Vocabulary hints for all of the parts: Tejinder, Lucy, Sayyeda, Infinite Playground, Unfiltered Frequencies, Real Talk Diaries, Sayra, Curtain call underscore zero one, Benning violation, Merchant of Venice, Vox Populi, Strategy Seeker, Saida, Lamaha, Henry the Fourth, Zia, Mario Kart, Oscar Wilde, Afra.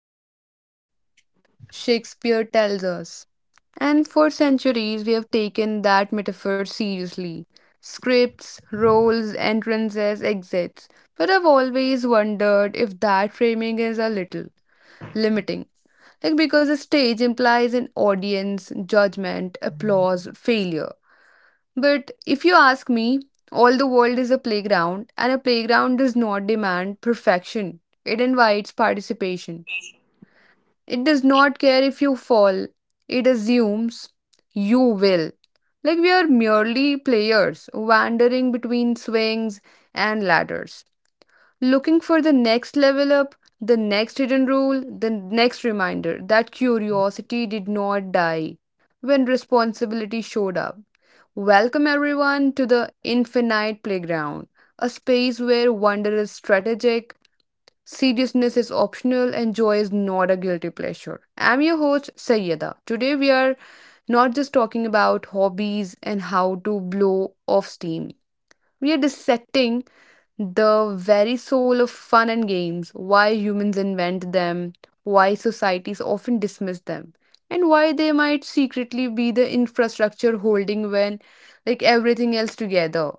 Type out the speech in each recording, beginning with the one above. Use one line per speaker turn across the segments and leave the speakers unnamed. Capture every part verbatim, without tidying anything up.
a stage, Shakespeare tells us. And for centuries, we have taken that metaphor seriously. Scripts, roles, entrances, exits. But I've always wondered if that framing is a little limiting. Like, because a stage implies an audience, judgment, applause, failure. But if you ask me, all the world is a playground, and a playground does not demand perfection, it invites participation. It does not care if you fall, it assumes you will. Like we are merely players, wandering between swings and ladders, looking for the next level up, the next hidden rule, the next reminder that curiosity did not die when responsibility showed up. Welcome everyone to the Infinite Playground, a space where wonder is strategic, Seriousness is optional and joy is not a guilty pleasure. I'm your host, Sayyeda. Today we are not just talking about hobbies and how to blow off steam. We are dissecting the very soul of fun and games, why humans invent them, why societies often dismiss them, and why they might secretly be the infrastructure holding when like everything else together.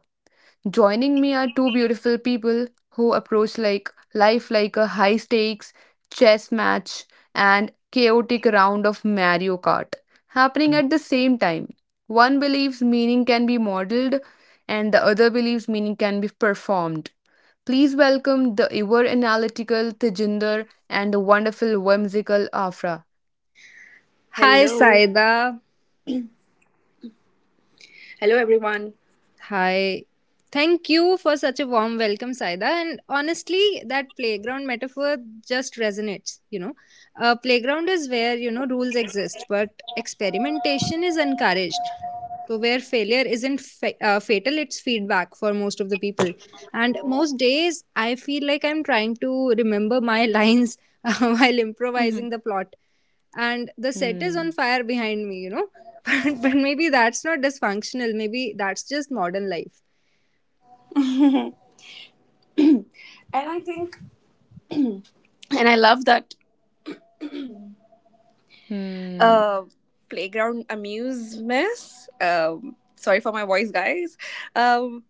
Joining me are two beautiful people who approach like life like a high stakes chess match and chaotic round of Mario Kart happening at the same time. One believes meaning can be modeled and the other believes meaning can be performed. Please welcome the ever analytical Tejinder and the wonderful whimsical Afra.
Hi,
Hello.
Saida.
Hello, everyone.
Hi. Thank you for such a warm welcome, Saida. And honestly, that playground metaphor just resonates. You know, a playground is where, you know, rules exist, but experimentation is encouraged. So, where failure isn't fa- uh, fatal, it's feedback for most of the people. And most days, I feel like I'm trying to remember my lines while
hmm
improvising the plot. And the set is on
Hmm.
fire behind me, you know. But, but maybe that's not dysfunctional. Maybe that's just modern life.
And I think, and I love that
Hmm.
uh, playground amuse miss. Um, sorry for my voice, guys. Um,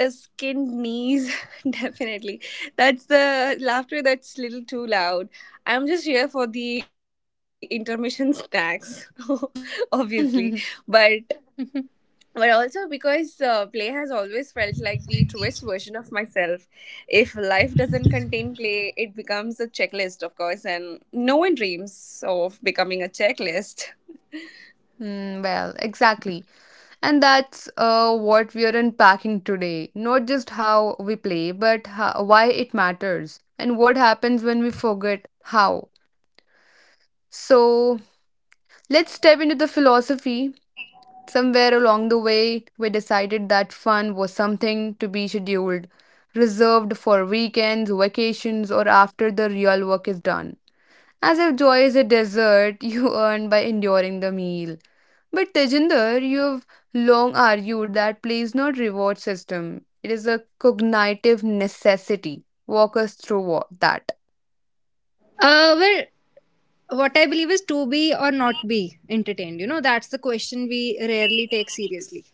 uh, skinned knees, definitely. That's the laughter that's little too loud. I'm just here for the intermission snacks, obviously. But but also because uh, play has always felt like the truest version of myself. If life doesn't contain play, it becomes a checklist, of course, and no one dreams of becoming a checklist.
Hmm, well, exactly. And that's uh, what we are unpacking today. Not just how we play, but how, why it matters and what happens when we forget how. So, let's step into the philosophy. Somewhere along the way, we decided that fun was something to be scheduled, reserved for weekends, vacations, or after the real work is done. As if joy is a dessert you earn by enduring the meal. But Tejinder, you've long argued that play is not reward system. It is a cognitive necessity. Walk us through what, that.
Uh, well, what I believe is to be or not be entertained. You know, that's the question we rarely take seriously.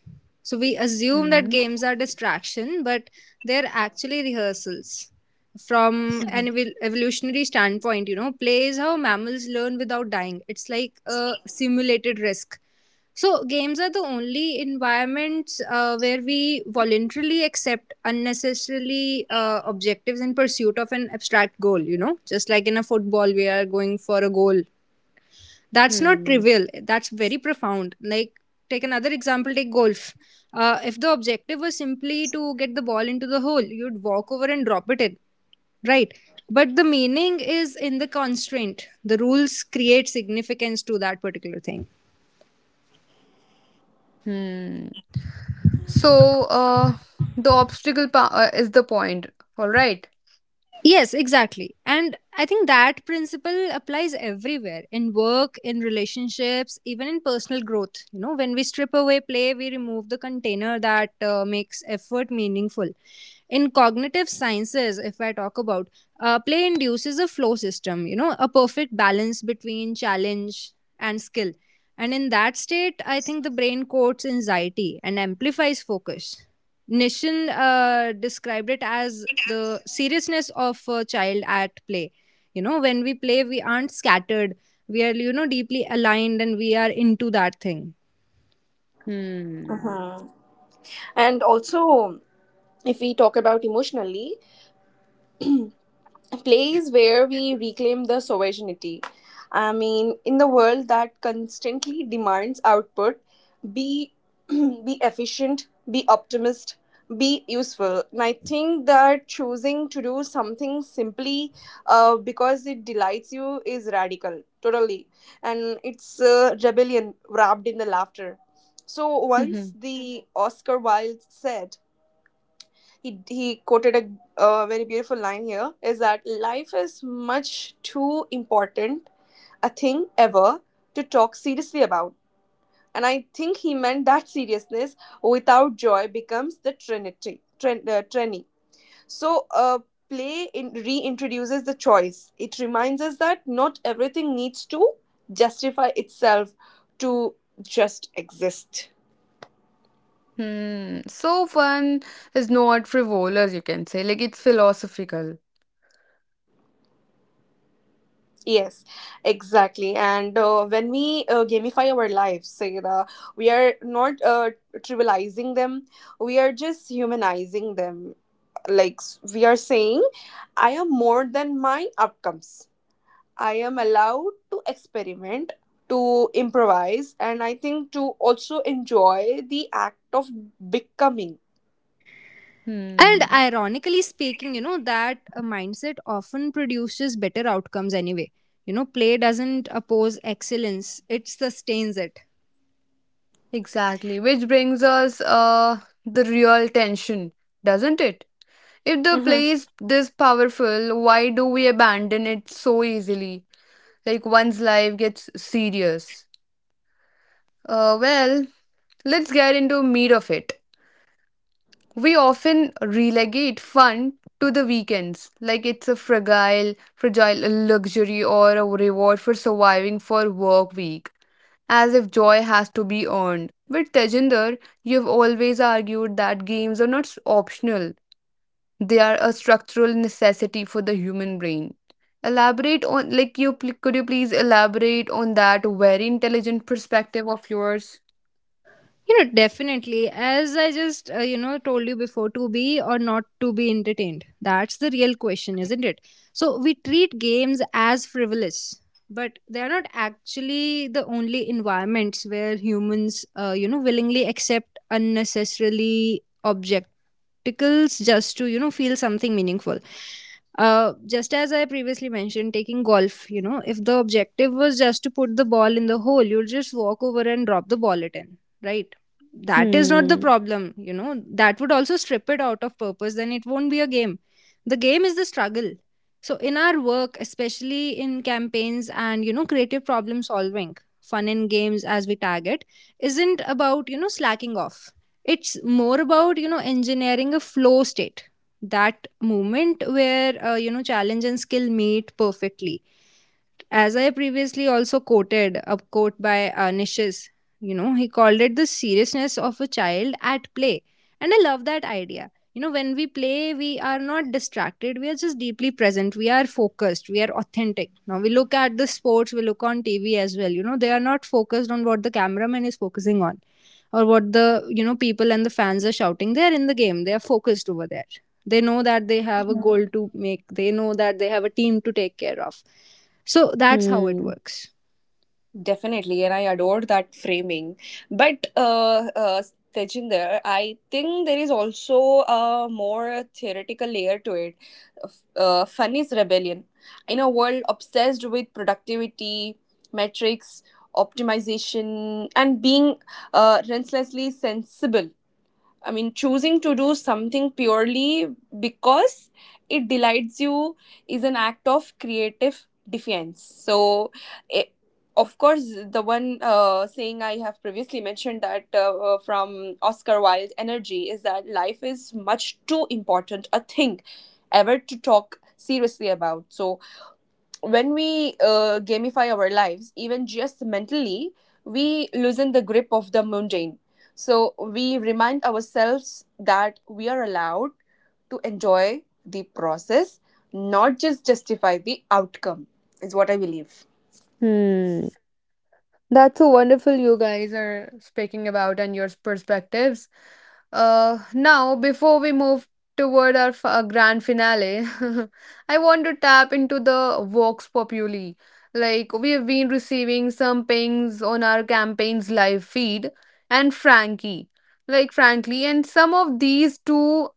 So we assume that
Hmm.
games are distraction, but they're actually rehearsals. From an
Mhm.
evol- evolutionary standpoint, you know, play is how mammals learn without dying. It's like a simulated risk. So games are the only environments uh, where we voluntarily accept unnecessarily uh, objectives in pursuit of an abstract goal. You know, just like in a football, we are going for a goal that's not
Hmm.
trivial, that's very profound. Like, take another example, take golf. Uh, if the objective was simply to get the ball into the hole, you'd walk over and drop it in, right? But the meaning is in the constraint, the rules create significance to that particular thing.
Hmm. So, uh, the obstacle pa- uh, is the point. All right.
Yes, exactly. And I think that principle applies everywhere, in work, in relationships, even in personal growth. You know, when we strip away play, we remove the container that uh, makes effort meaningful. In cognitive sciences, if I talk about, uh, play induces a flow system, you know, a perfect balance between challenge and skill. And in that state, I think the brain coats anxiety and amplifies focus. Nishan uh, described it as the seriousness of a child at play. You know, when we play, we aren't scattered. We are, you know, deeply aligned and we are into that thing.
Hmm.
And also, if we talk about emotionally, place where we reclaim the sovereignty. I mean, in the world that constantly demands output, be be efficient, be optimist, be useful. And I think that choosing to do something simply uh, because it delights you is radical, totally, and it's uh, rebellion wrapped in the laughter. So once
Mhm.
the Oscar Wilde said he, he quoted a, a very beautiful line here is that life is much too important a thing ever to talk seriously about. And I think he meant that seriousness without joy becomes the trinity trin, uh, trini. so uh, Play in, reintroduces the choice. It reminds us that not everything needs to justify itself to just exist.
Hmm. So fun is not frivolous, you can say. Like it's philosophical.
Yes, exactly. And uh, when we uh, gamify our lives, Sayra, we are not uh, trivializing them, we are just humanizing them. Like s- we are saying, I am more than my outcomes. I am allowed to experiment, to improvise, and I think to also enjoy the act of becoming.
And
Hmm.
ironically speaking, you know, that uh, mindset often produces better outcomes anyway. You know, play doesn't oppose excellence, it sustains it.
Exactly. Which brings us uh the real tension, doesn't it? If the
hmm
play is this powerful, why do we abandon it so easily? Like one's life gets serious. Uh, well, let's get into meat of it. We often relegate fun to the weekends, like it's a fragile, fragile luxury or a reward for surviving for work week, as if joy has to be earned. With Tejinder, you've always argued that games are not optional; They are a structural necessity for the human brain. Elaborate on, like, you pl- could you please elaborate on that very intelligent perspective of yours?
You know, definitely. As I just, uh, you know, told you before, to be or not to be entertained. That's the real question, isn't it? So we treat games as frivolous, but they are not actually the only environments where humans, uh, you know, willingly accept unnecessarily objecticals just to, you know, feel something meaningful. Uh, just as I previously mentioned, taking golf, you know, if the objective was just to put the ball in the hole, you'll just walk over and drop the ball it in, right? That is not the
Hmm.
problem, you know, that would also strip it out of purpose, then it won't be a game. The game is the struggle. So in our work, especially in campaigns and, you know, creative problem solving, fun in games, as we tag it, isn't about, you know, slacking off. It's more about, you know, engineering a flow state, that moment where, uh, you know, challenge and skill meet perfectly. As I previously also quoted a quote by uh, Nishis, you know, he called it the seriousness of a child at play. And I love that idea. You know, when we play, we are not distracted. We are just deeply present. We are focused. We are authentic. Now, we look at the sports, we look on T V as well. You know, they are not focused on what the cameraman is focusing on or what the, you know, people and the fans are shouting. They are in the game. They are focused over there. They know that they have a goal to make. They know that they have a team to take care of, so that's how it
Hmm.
works.
Definitely, and I adored that framing. But uh, uh, Tejinder, I think there is also a more theoretical layer to it. Uh, fun is rebellion. In a world obsessed with productivity, metrics, optimization, and being uh, relentlessly sensible, I mean, choosing to do something purely because it delights you is an act of creative defiance. So, it, of course, the one uh, saying I have previously mentioned that uh, uh, from Oscar Wilde, energy is that life is much too important a thing ever to talk seriously about. So, when we uh, gamify our lives, even just mentally, we loosen the grip of the mundane. So we remind ourselves that we are allowed to enjoy the process, not just justify the outcome, is what I believe.
Hmm. That's so wonderful you guys are speaking about and your perspectives. Uh, now, before we move toward our f- uh, grand finale, I want to tap into the Vox Populi. Like, we have been receiving some pings on our campaign's live feed and Frankie. Like, frankly, and some of these too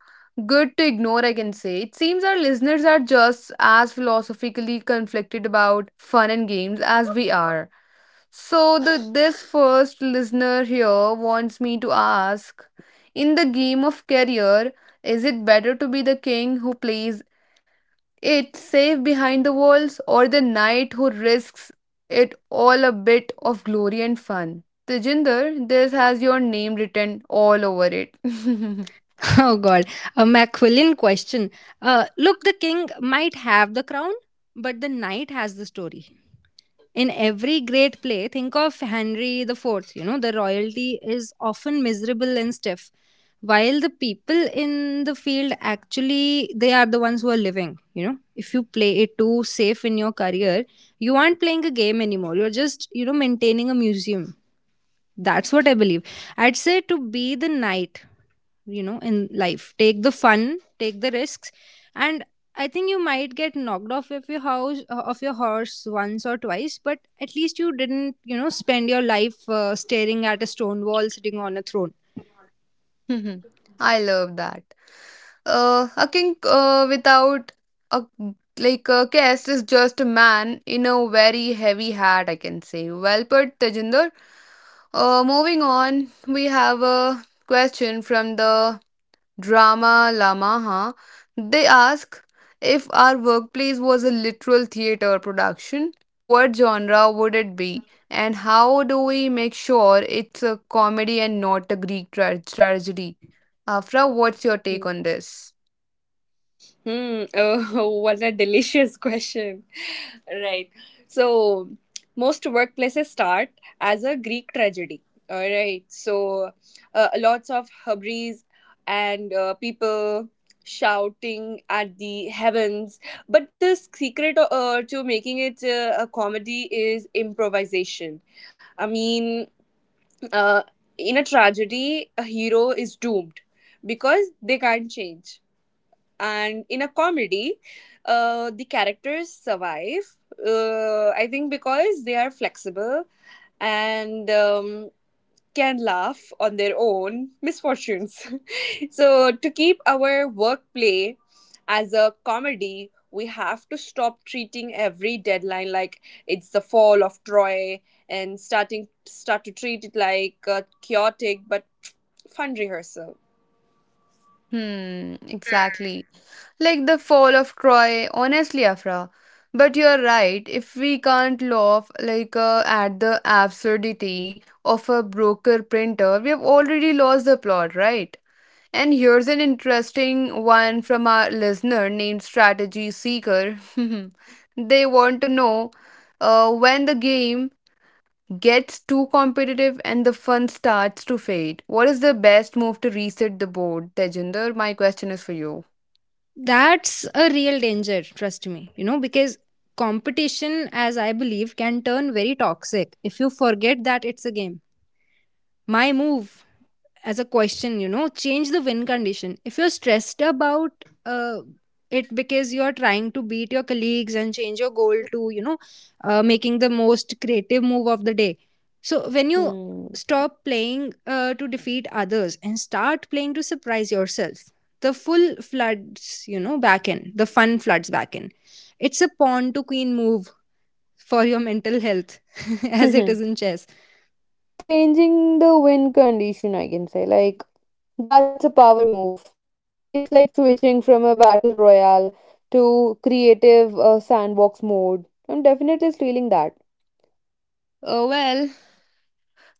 good to ignore, I can say. It seems our listeners are just as philosophically conflicted about fun and games as we are, so the this first listener here wants me to ask, in the game of career, is it better to be the king who plays it safe behind the walls or the knight who risks it all, a bit of glory and fun? Tejinder, this has your name written all over it.
Oh god, a Machiavellian question. Uh, look, the king might have the crown, but the knight has the story. In every great play, think of Henry the Fourth. You know, the royalty is often miserable and stiff, while the people in the field actually they are the ones who are living. You know, if you play it too safe in your career, you aren't playing a game anymore. You're just, you know, maintaining a museum. That's what I believe. I'd say to be the knight, you know, in life. Take the fun, take the risks, and I think you might get knocked off of your house of your horse once or twice, but at least you didn't, you know, spend your life uh, staring at a stone wall sitting on a throne.
I love that. Uh, a king uh, without a like a caste is just a man in a very heavy hat, I can say. Well put, Tejinder. Uh, moving on, we have a question from the drama Lamaha. They ask, if our workplace was a literal theater production, what genre would it be, and how do we make sure it's a comedy and not a Greek tra- tragedy? Afra, what's your take on this?
Hmm. Oh, what a delicious question. Right. So, most workplaces start as a Greek tragedy. All right. So, uh, lots of hubris and uh, people shouting at the heavens. But the secret uh, to making it uh, a comedy is improvisation. I mean, uh, in a tragedy, a hero is doomed because they can't change, and in a comedy uh, the characters survive uh, I think because they are flexible, and um, can laugh on their own misfortunes. So to keep our work play as a comedy, we have to stop treating every deadline like it's the fall of Troy, and starting start to treat it like a chaotic but fun rehearsal.
Hmm, exactly. Like the fall of Troy, honestly, Afra. But you're right, if we can't laugh like uh, at the absurdity of a broker printer, we have already lost the plot, right? And here's an interesting one from our listener named Strategy Seeker. They want to know uh, when the game gets too competitive and the fun starts to fade. What is the best move to reset the board, Tejinder? My question is for you.
That's a real danger, trust me. You know, because competition, as I believe, can turn very toxic if you forget that it's a game. My move, as a question, you know, change the win condition. If you're stressed about uh, it because you're trying to beat your colleagues, and change your goal to, you know, uh, making the most creative move of the day. So when you
Hmm.
stop playing uh, to defeat others and start playing to surprise yourself, the full floods you know back in the fun floods back in. It's a pawn to queen move for your mental health as it is in chess.
Changing the win condition, I can say. Like, that's a power move. It's like switching from a battle royale to creative uh, sandbox mode. I'm definitely stealing that. Oh well.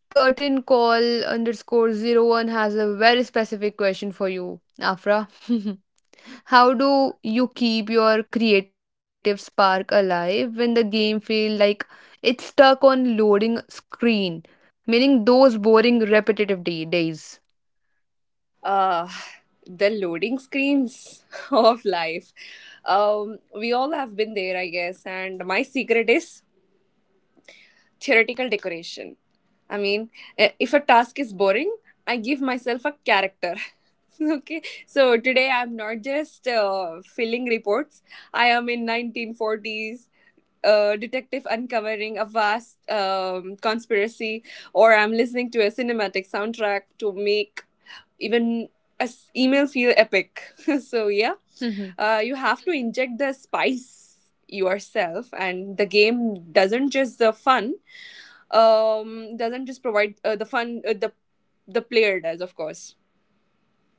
Curtain call underscore zero one has a very specific question for you, Afra. How do you keep your creative spark alive when the game feels like it's stuck on loading screen, meaning those boring repetitive day- days?
Uh, the loading screens of life. Um, we all have been there, I guess. And my secret is theoretical decoration. I mean, eh, if a task is boring, I give myself a character. Okay, so today I'm not just uh, filling reports. I am in nineteen forties. Uh, detective uncovering a vast um, conspiracy, or I'm listening to a cinematic soundtrack to make even as emails feel epic. So yeah,
Mhm.
uh, you have to inject the spice yourself, and the game doesn't just the fun um doesn't just provide uh, the fun uh, the the player does, of course.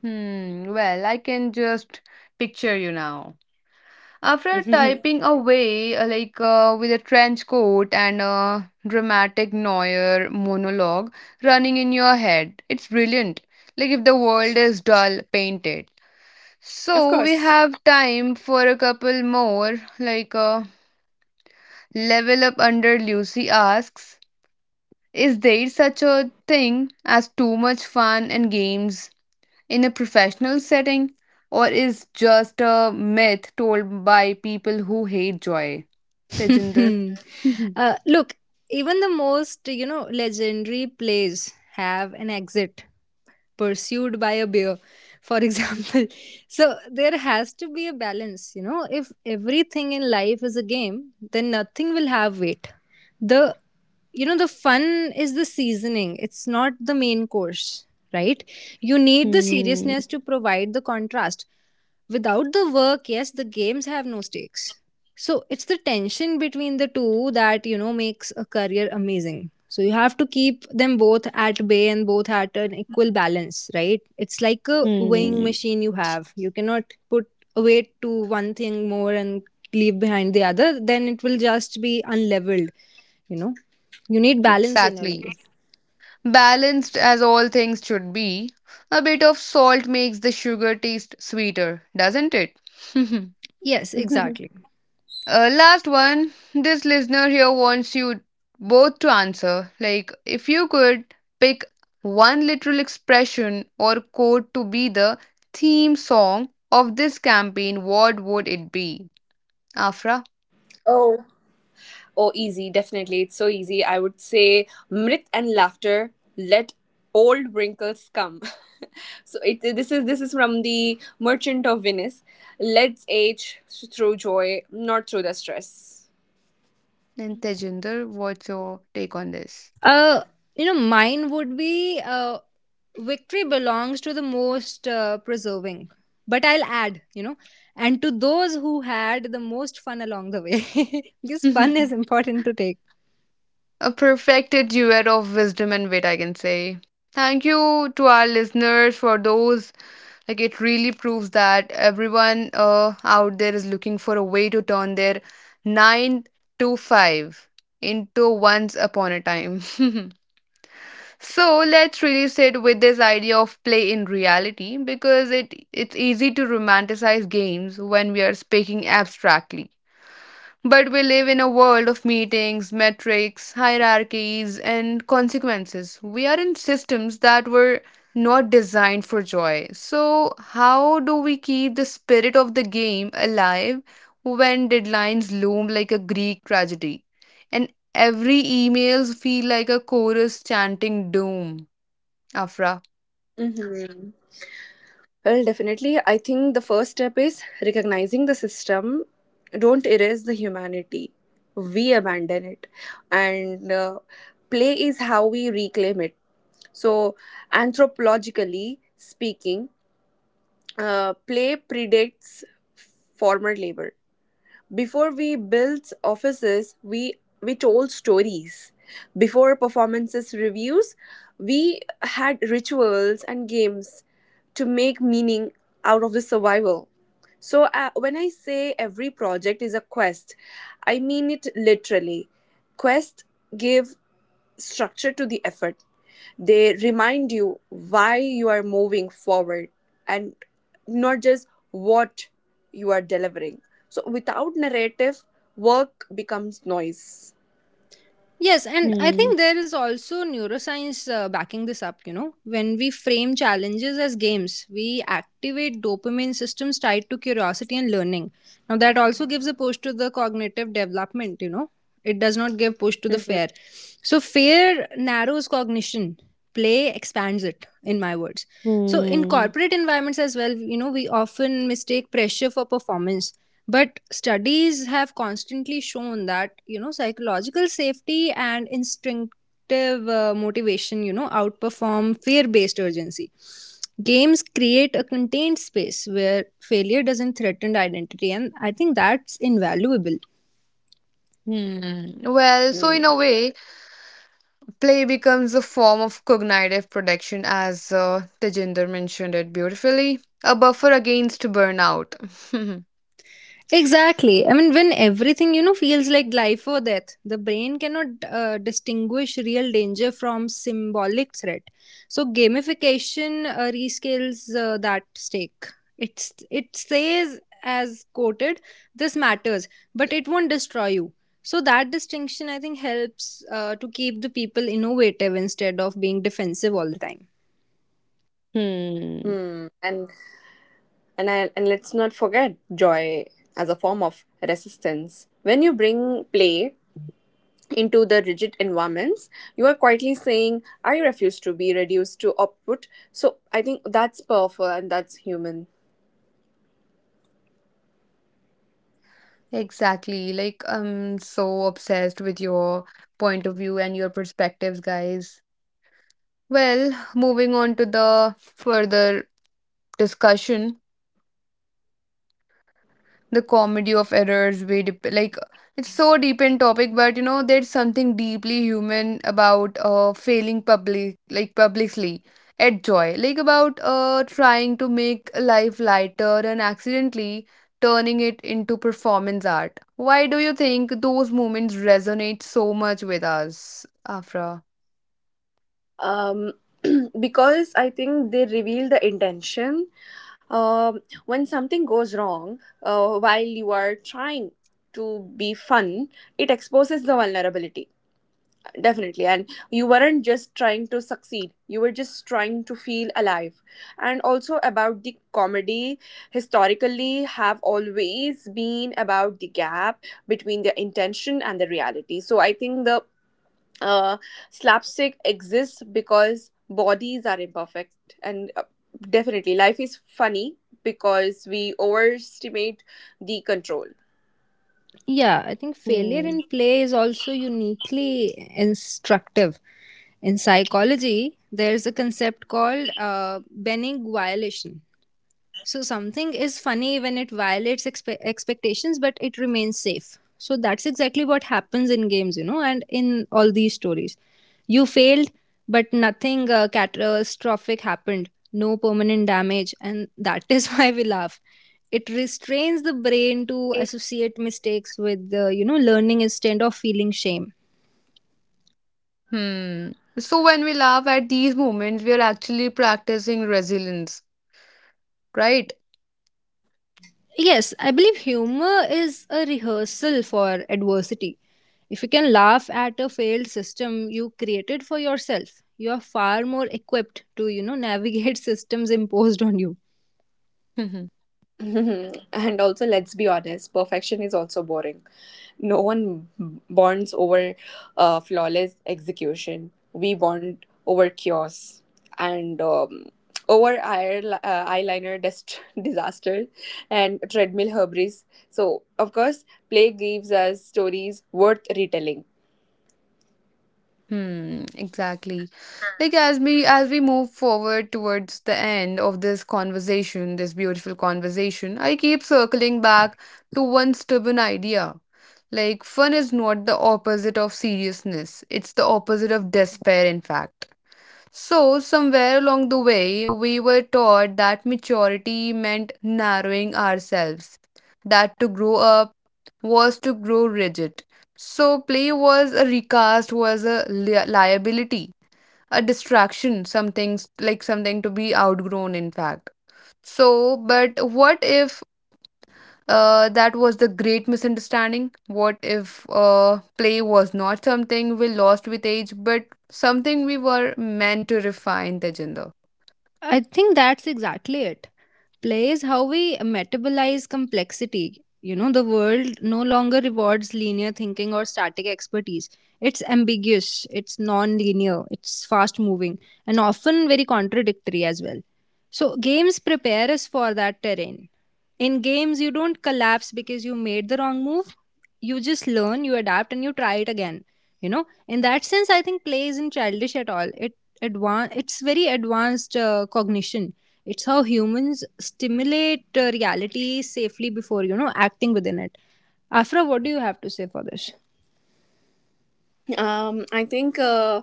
hmm, well, I can just picture you now. After
Of
typing away, uh, like uh, with a trench coat and a dramatic Neuer monologue running in your head, it's brilliant. Like if the world is dull, paint it. So we
course.
have time for a couple more. Like uh, level up under Lucy asks, is there such a thing as too much fun and games in a professional setting, or is just a myth told by people who hate joy? Tejinder. Hmm.
Uh, look, even the most, you know, legendary plays have an exit pursued by a bear, for example. So there has to be a balance, you know. If everything in life is a game, then nothing will have weight. The, you know, the fun is the seasoning, it's not the main course, right? You need the seriousness to provide the contrast. Without the work, yes, the games have no stakes. So it's the tension between the two that, you know, makes a career amazing. So you have to keep them both at bay and both at an equal balance, right? It's like a weighing
Hmm.
machine. You have, you cannot put a weight to one thing more and leave behind the other, then it will just be unleveled, you know. You need balance in your
Exactly.
life.
Balanced as all things should be, a bit of salt makes the sugar taste sweeter, doesn't it?
Yes, exactly.
Uh, last one. This listener here wants you both to answer. Like, if you could pick one literal expression or quote to be the theme song of this campaign, what would it be? Afra
oh Oh, easy, definitely. It's so easy. I would say mirth and laughter. Let old wrinkles come. So it this is this is from the Merchant of Venice. Let's age through joy, not through the stress.
and Tejinder, what's your take on this?
uh you know, mine would be, uh victory belongs to the most uh, preserving, but I'll add, you know, and to those who had the most fun along the way. Because fun
A
is important to take.
perfected duet of wisdom and wit, I can say. Thank you to our listeners for those, like it really proves that everyone uh, out there is looking for a way to turn their nine to five into once upon a time. So let's really sit with this idea of play in reality, because it it's easy to romanticize games when we are speaking abstractly, but we live in a world of meetings, metrics, hierarchies, and consequences. We are in systems that were not designed for joy. So, how do we keep the spirit of the game alive when deadlines loom like a Greek tragedy and every emails feel like a chorus chanting doom? Afra.
Mm-hmm. Well, definitely. I think the first step is recognizing the system. Don't erase the humanity. We abandon it, and uh, play is how we reclaim it. So, anthropologically speaking, Uh, play predates former labor. Before we built offices, we we told stories. Before performances reviews, we had rituals and games to make meaning out of the survival. So uh, when I say every project is a quest, I mean it literally. Quest give structure to the effort. They remind you why you are moving forward, and not just what you are delivering. So without narrative, work becomes noise.
Yes, and I
Hmm.
think there is also neuroscience, uh, backing this up. You know, when we frame challenges as games, we activate dopamine systems tied to curiosity and learning. Now that also gives a push to the cognitive development, you know, it does not give push to the
Mhm.
fear. So fear narrows cognition, play expands it, in my words. So in
Hmm.
corporate environments as well, you know, we often mistake pressure for performance, but studies have constantly shown that, you know, psychological safety and instinctive uh, motivation, you know, outperform fear based urgency. Games create a contained space where failure doesn't threaten identity, and I think that's invaluable.
Hmm. Well, so in a
Hmm.
way, Play becomes a form of cognitive protection, as uh, Tejinder mentioned it beautifully, a buffer against burnout.
Exactly. I mean, when everything, you know, feels like life or death, the brain cannot uh, distinguish real danger from symbolic threat. So gamification uh, rescales uh, that stake. It's, it says as quoted, this matters, but it won't destroy you. So that distinction, I think, helps uh, to keep the people innovative instead of being defensive all the time.
Hmm.
Hmm. And and I, and let's not forget joy as a form of resistance. When you bring play into the rigid environments, you are quietly saying, I refuse to be reduced to output. So I think that's powerful, and that's human.
Exactly. Like, I'm so obsessed with your point of view and your perspectives, guys. Well, moving on to the further discussion. The comedy of errors, we dep- like, it's so deep in topic, but you know there's something deeply human about uh failing public, like publicly, at joy, like about uh trying to make life lighter and accidentally turning it into performance art. Why do you think those moments resonate so much with us, Afra?
um, because I think they reveal the intention. Um, when something goes wrong uh, while you are trying to be fun, it exposes the vulnerability. Definitely. And you weren't just trying to succeed, you were just trying to feel alive. And also about the comedy, historically, have always been about the gap between the intention and the reality. So I think the uh, slapstick exists because bodies are imperfect. And uh, Definitely, life is funny because we overestimate the control.
Yeah, I think failure
Hmm.
in play is also uniquely instructive. In psychology, there's a concept called uh, Benning violation. So something is funny when it violates expe- expectations, but it remains safe. So that's exactly what happens in games, you know, and in all these stories. You failed, but nothing uh, catastrophic happened, no permanent damage, and that is why we laugh. It restrains the brain to associate mistakes with, uh, you know, learning instead of feeling shame.
Hmm. So when we laugh at these moments, we are actually practicing resilience, right?
Yes, I believe humor is a rehearsal for adversity. If you can laugh at a failed system you created for yourself, you are far more equipped to, you know, navigate systems imposed on you.
And also, let's be honest, perfection is also boring. No one b- bonds over uh, flawless execution. We bond over chaos, and um, over eye, uh, eyeliner dest- disaster and treadmill hubris. So, of course, play gives us stories worth retelling.
Hmm, exactly. Like as we as we move forward towards the end of this conversation, this beautiful conversation, I keep circling back to one stubborn idea. Like fun is not the opposite of seriousness. It's the opposite of despair, in fact. So somewhere along the way, we were taught that maturity meant narrowing ourselves. That to grow up was to grow rigid. So play was a recast was a li- liability, a distraction, something s- like something to be outgrown, in fact. So but what if uh, that was the great misunderstanding. What if uh, play was not something we lost with age, but something we were meant to refine, Tejinder?
I think that's exactly it. Play is how we metabolize complexity. You know, the world no longer rewards linear thinking or static expertise. It's ambiguous, it's non linear, it's fast moving, and often very contradictory as well. So, games prepare us for that terrain. In games, you don't collapse because you made the wrong move. You just learn, you adapt, and you try it again. You know, in that sense, I think play isn't childish at all. It advanced. It's very advanced uh, cognition. It's how humans stimulate uh, reality safely before, you know, acting within it. Afra, what do you have to say for this?
Um, I think uh,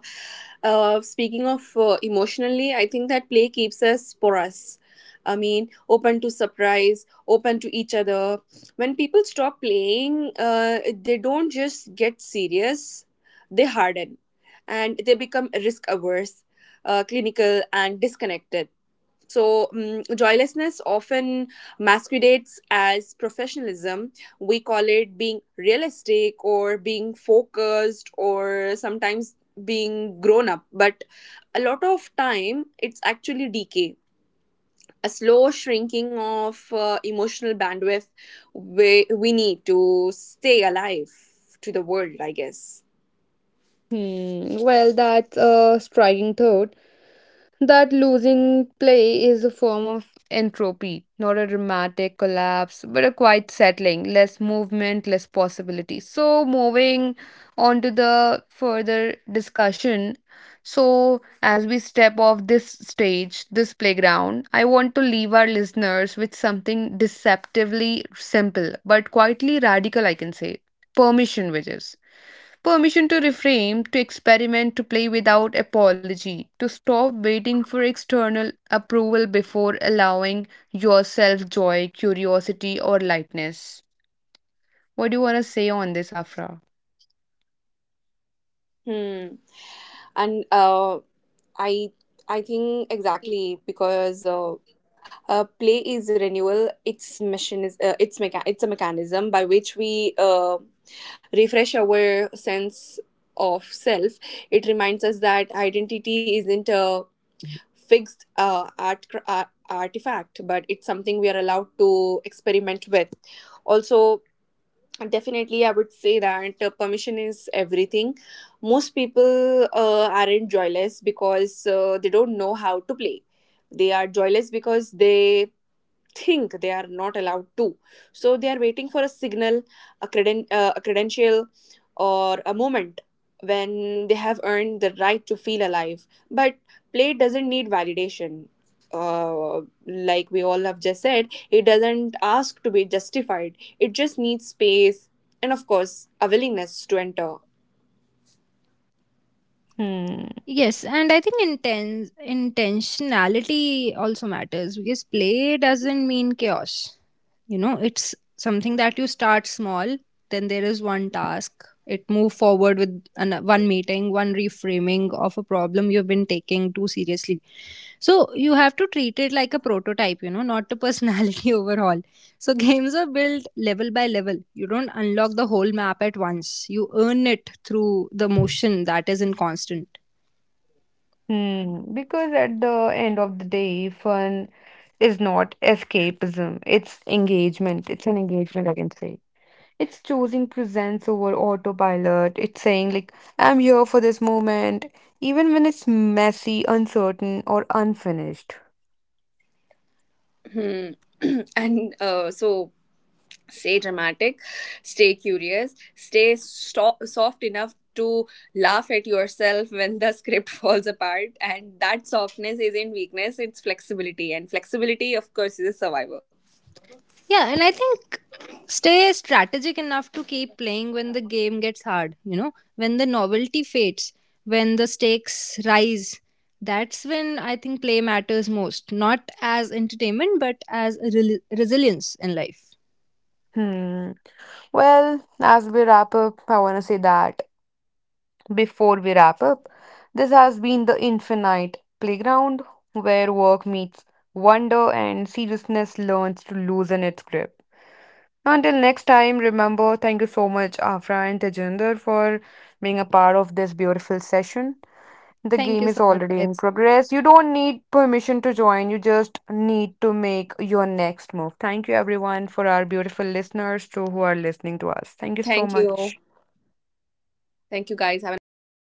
uh speaking of uh, emotionally, I think that play keeps us porous. I mean, open to surprise, open to each other. When people stop playing, uh, they don't just get serious, they harden, and they become risk averse, uh, clinical and disconnected. So, um, joylessness often masquerades as professionalism. We call it being realistic or being focused, or sometimes being grown up. But a lot of time, it's actually decay, a slow shrinking of uh, emotional bandwidth we, we need to stay alive to the world, I guess.
Hmm. Well, that's a striking thought. That losing play is a form of entropy, not a dramatic collapse, but a quiet settling, less movement, less possibility. So, moving on to the further discussion. So, as we step off this stage, this playground, I want to leave our listeners with something deceptively simple but quietly radical, I can say, permission, which is. Permission to reframe, to experiment, to play without apology, to stop waiting for external approval before allowing yourself joy, curiosity, or lightness. What do you want to say on this, Afra?
Hmm. And uh, I I think exactly because uh, uh, play is renewal. Its mission is uh, it's mecha- it's a mechanism by which we uh, refresh our sense of self. It reminds us that identity isn't a fixed uh, art, cr- ar- artifact, but it's something we are allowed to experiment with. Also, definitely, I would say that uh, permission is everything. Most people uh, aren't joyless because uh, they don't know how to play. They are joyless because they think they are not allowed to. So they are waiting for a signal, a, creden- uh, a credential, or a moment when they have earned the right to feel alive. But play doesn't need validation. Uh, like we all have just said, it doesn't ask to be justified. It just needs space and, of course, a willingness to enter.
Hmm.
Yes, and I think intense intentionality also matters because play doesn't mean chaos. You know, it's something that you start small, then there is one task, it move forward with an, one meeting, one reframing of a problem you've been taking too seriously. So you have to treat it like a prototype, you know, not a personality overhaul. So games are built level by level. You don't unlock the whole map at once. You earn it through the motion that is in constant.
Hmm. Because at the end of the day, fun is not escapism, it's engagement. It's an engagement, I can say. It's choosing presence over autopilot. It's saying, like, I'm here for this moment, even when it's messy, uncertain, or unfinished.
Hmm. and uh, so stay dramatic, stay curious, stay sto- soft enough to laugh at yourself when the script falls apart. And that softness isn't weakness, it's flexibility, and flexibility, of course, is a survivor.
Yeah, and I think stay strategic enough to keep playing when the game gets hard, you know, when the novelty fades, when the stakes rise. That's when I think play matters most, not as entertainment, but as a rel- resilience in life.
Hmm. Well, as we wrap up, I want to say that before we wrap up, this has been the Infinite Playground, where work meets wonder and seriousness learns to loosen its grip. Until next time, remember, thank you so much, Afra and Tejinder, for being a part of this beautiful session. The
Thank
game
you
is
so much.
already in progress. You don't need permission to join. You just need to make your next move. Thank you, everyone, for our beautiful listeners too who are listening to us. Thank you so
Thank you.
much.
Thank you, guys. Have a nice day.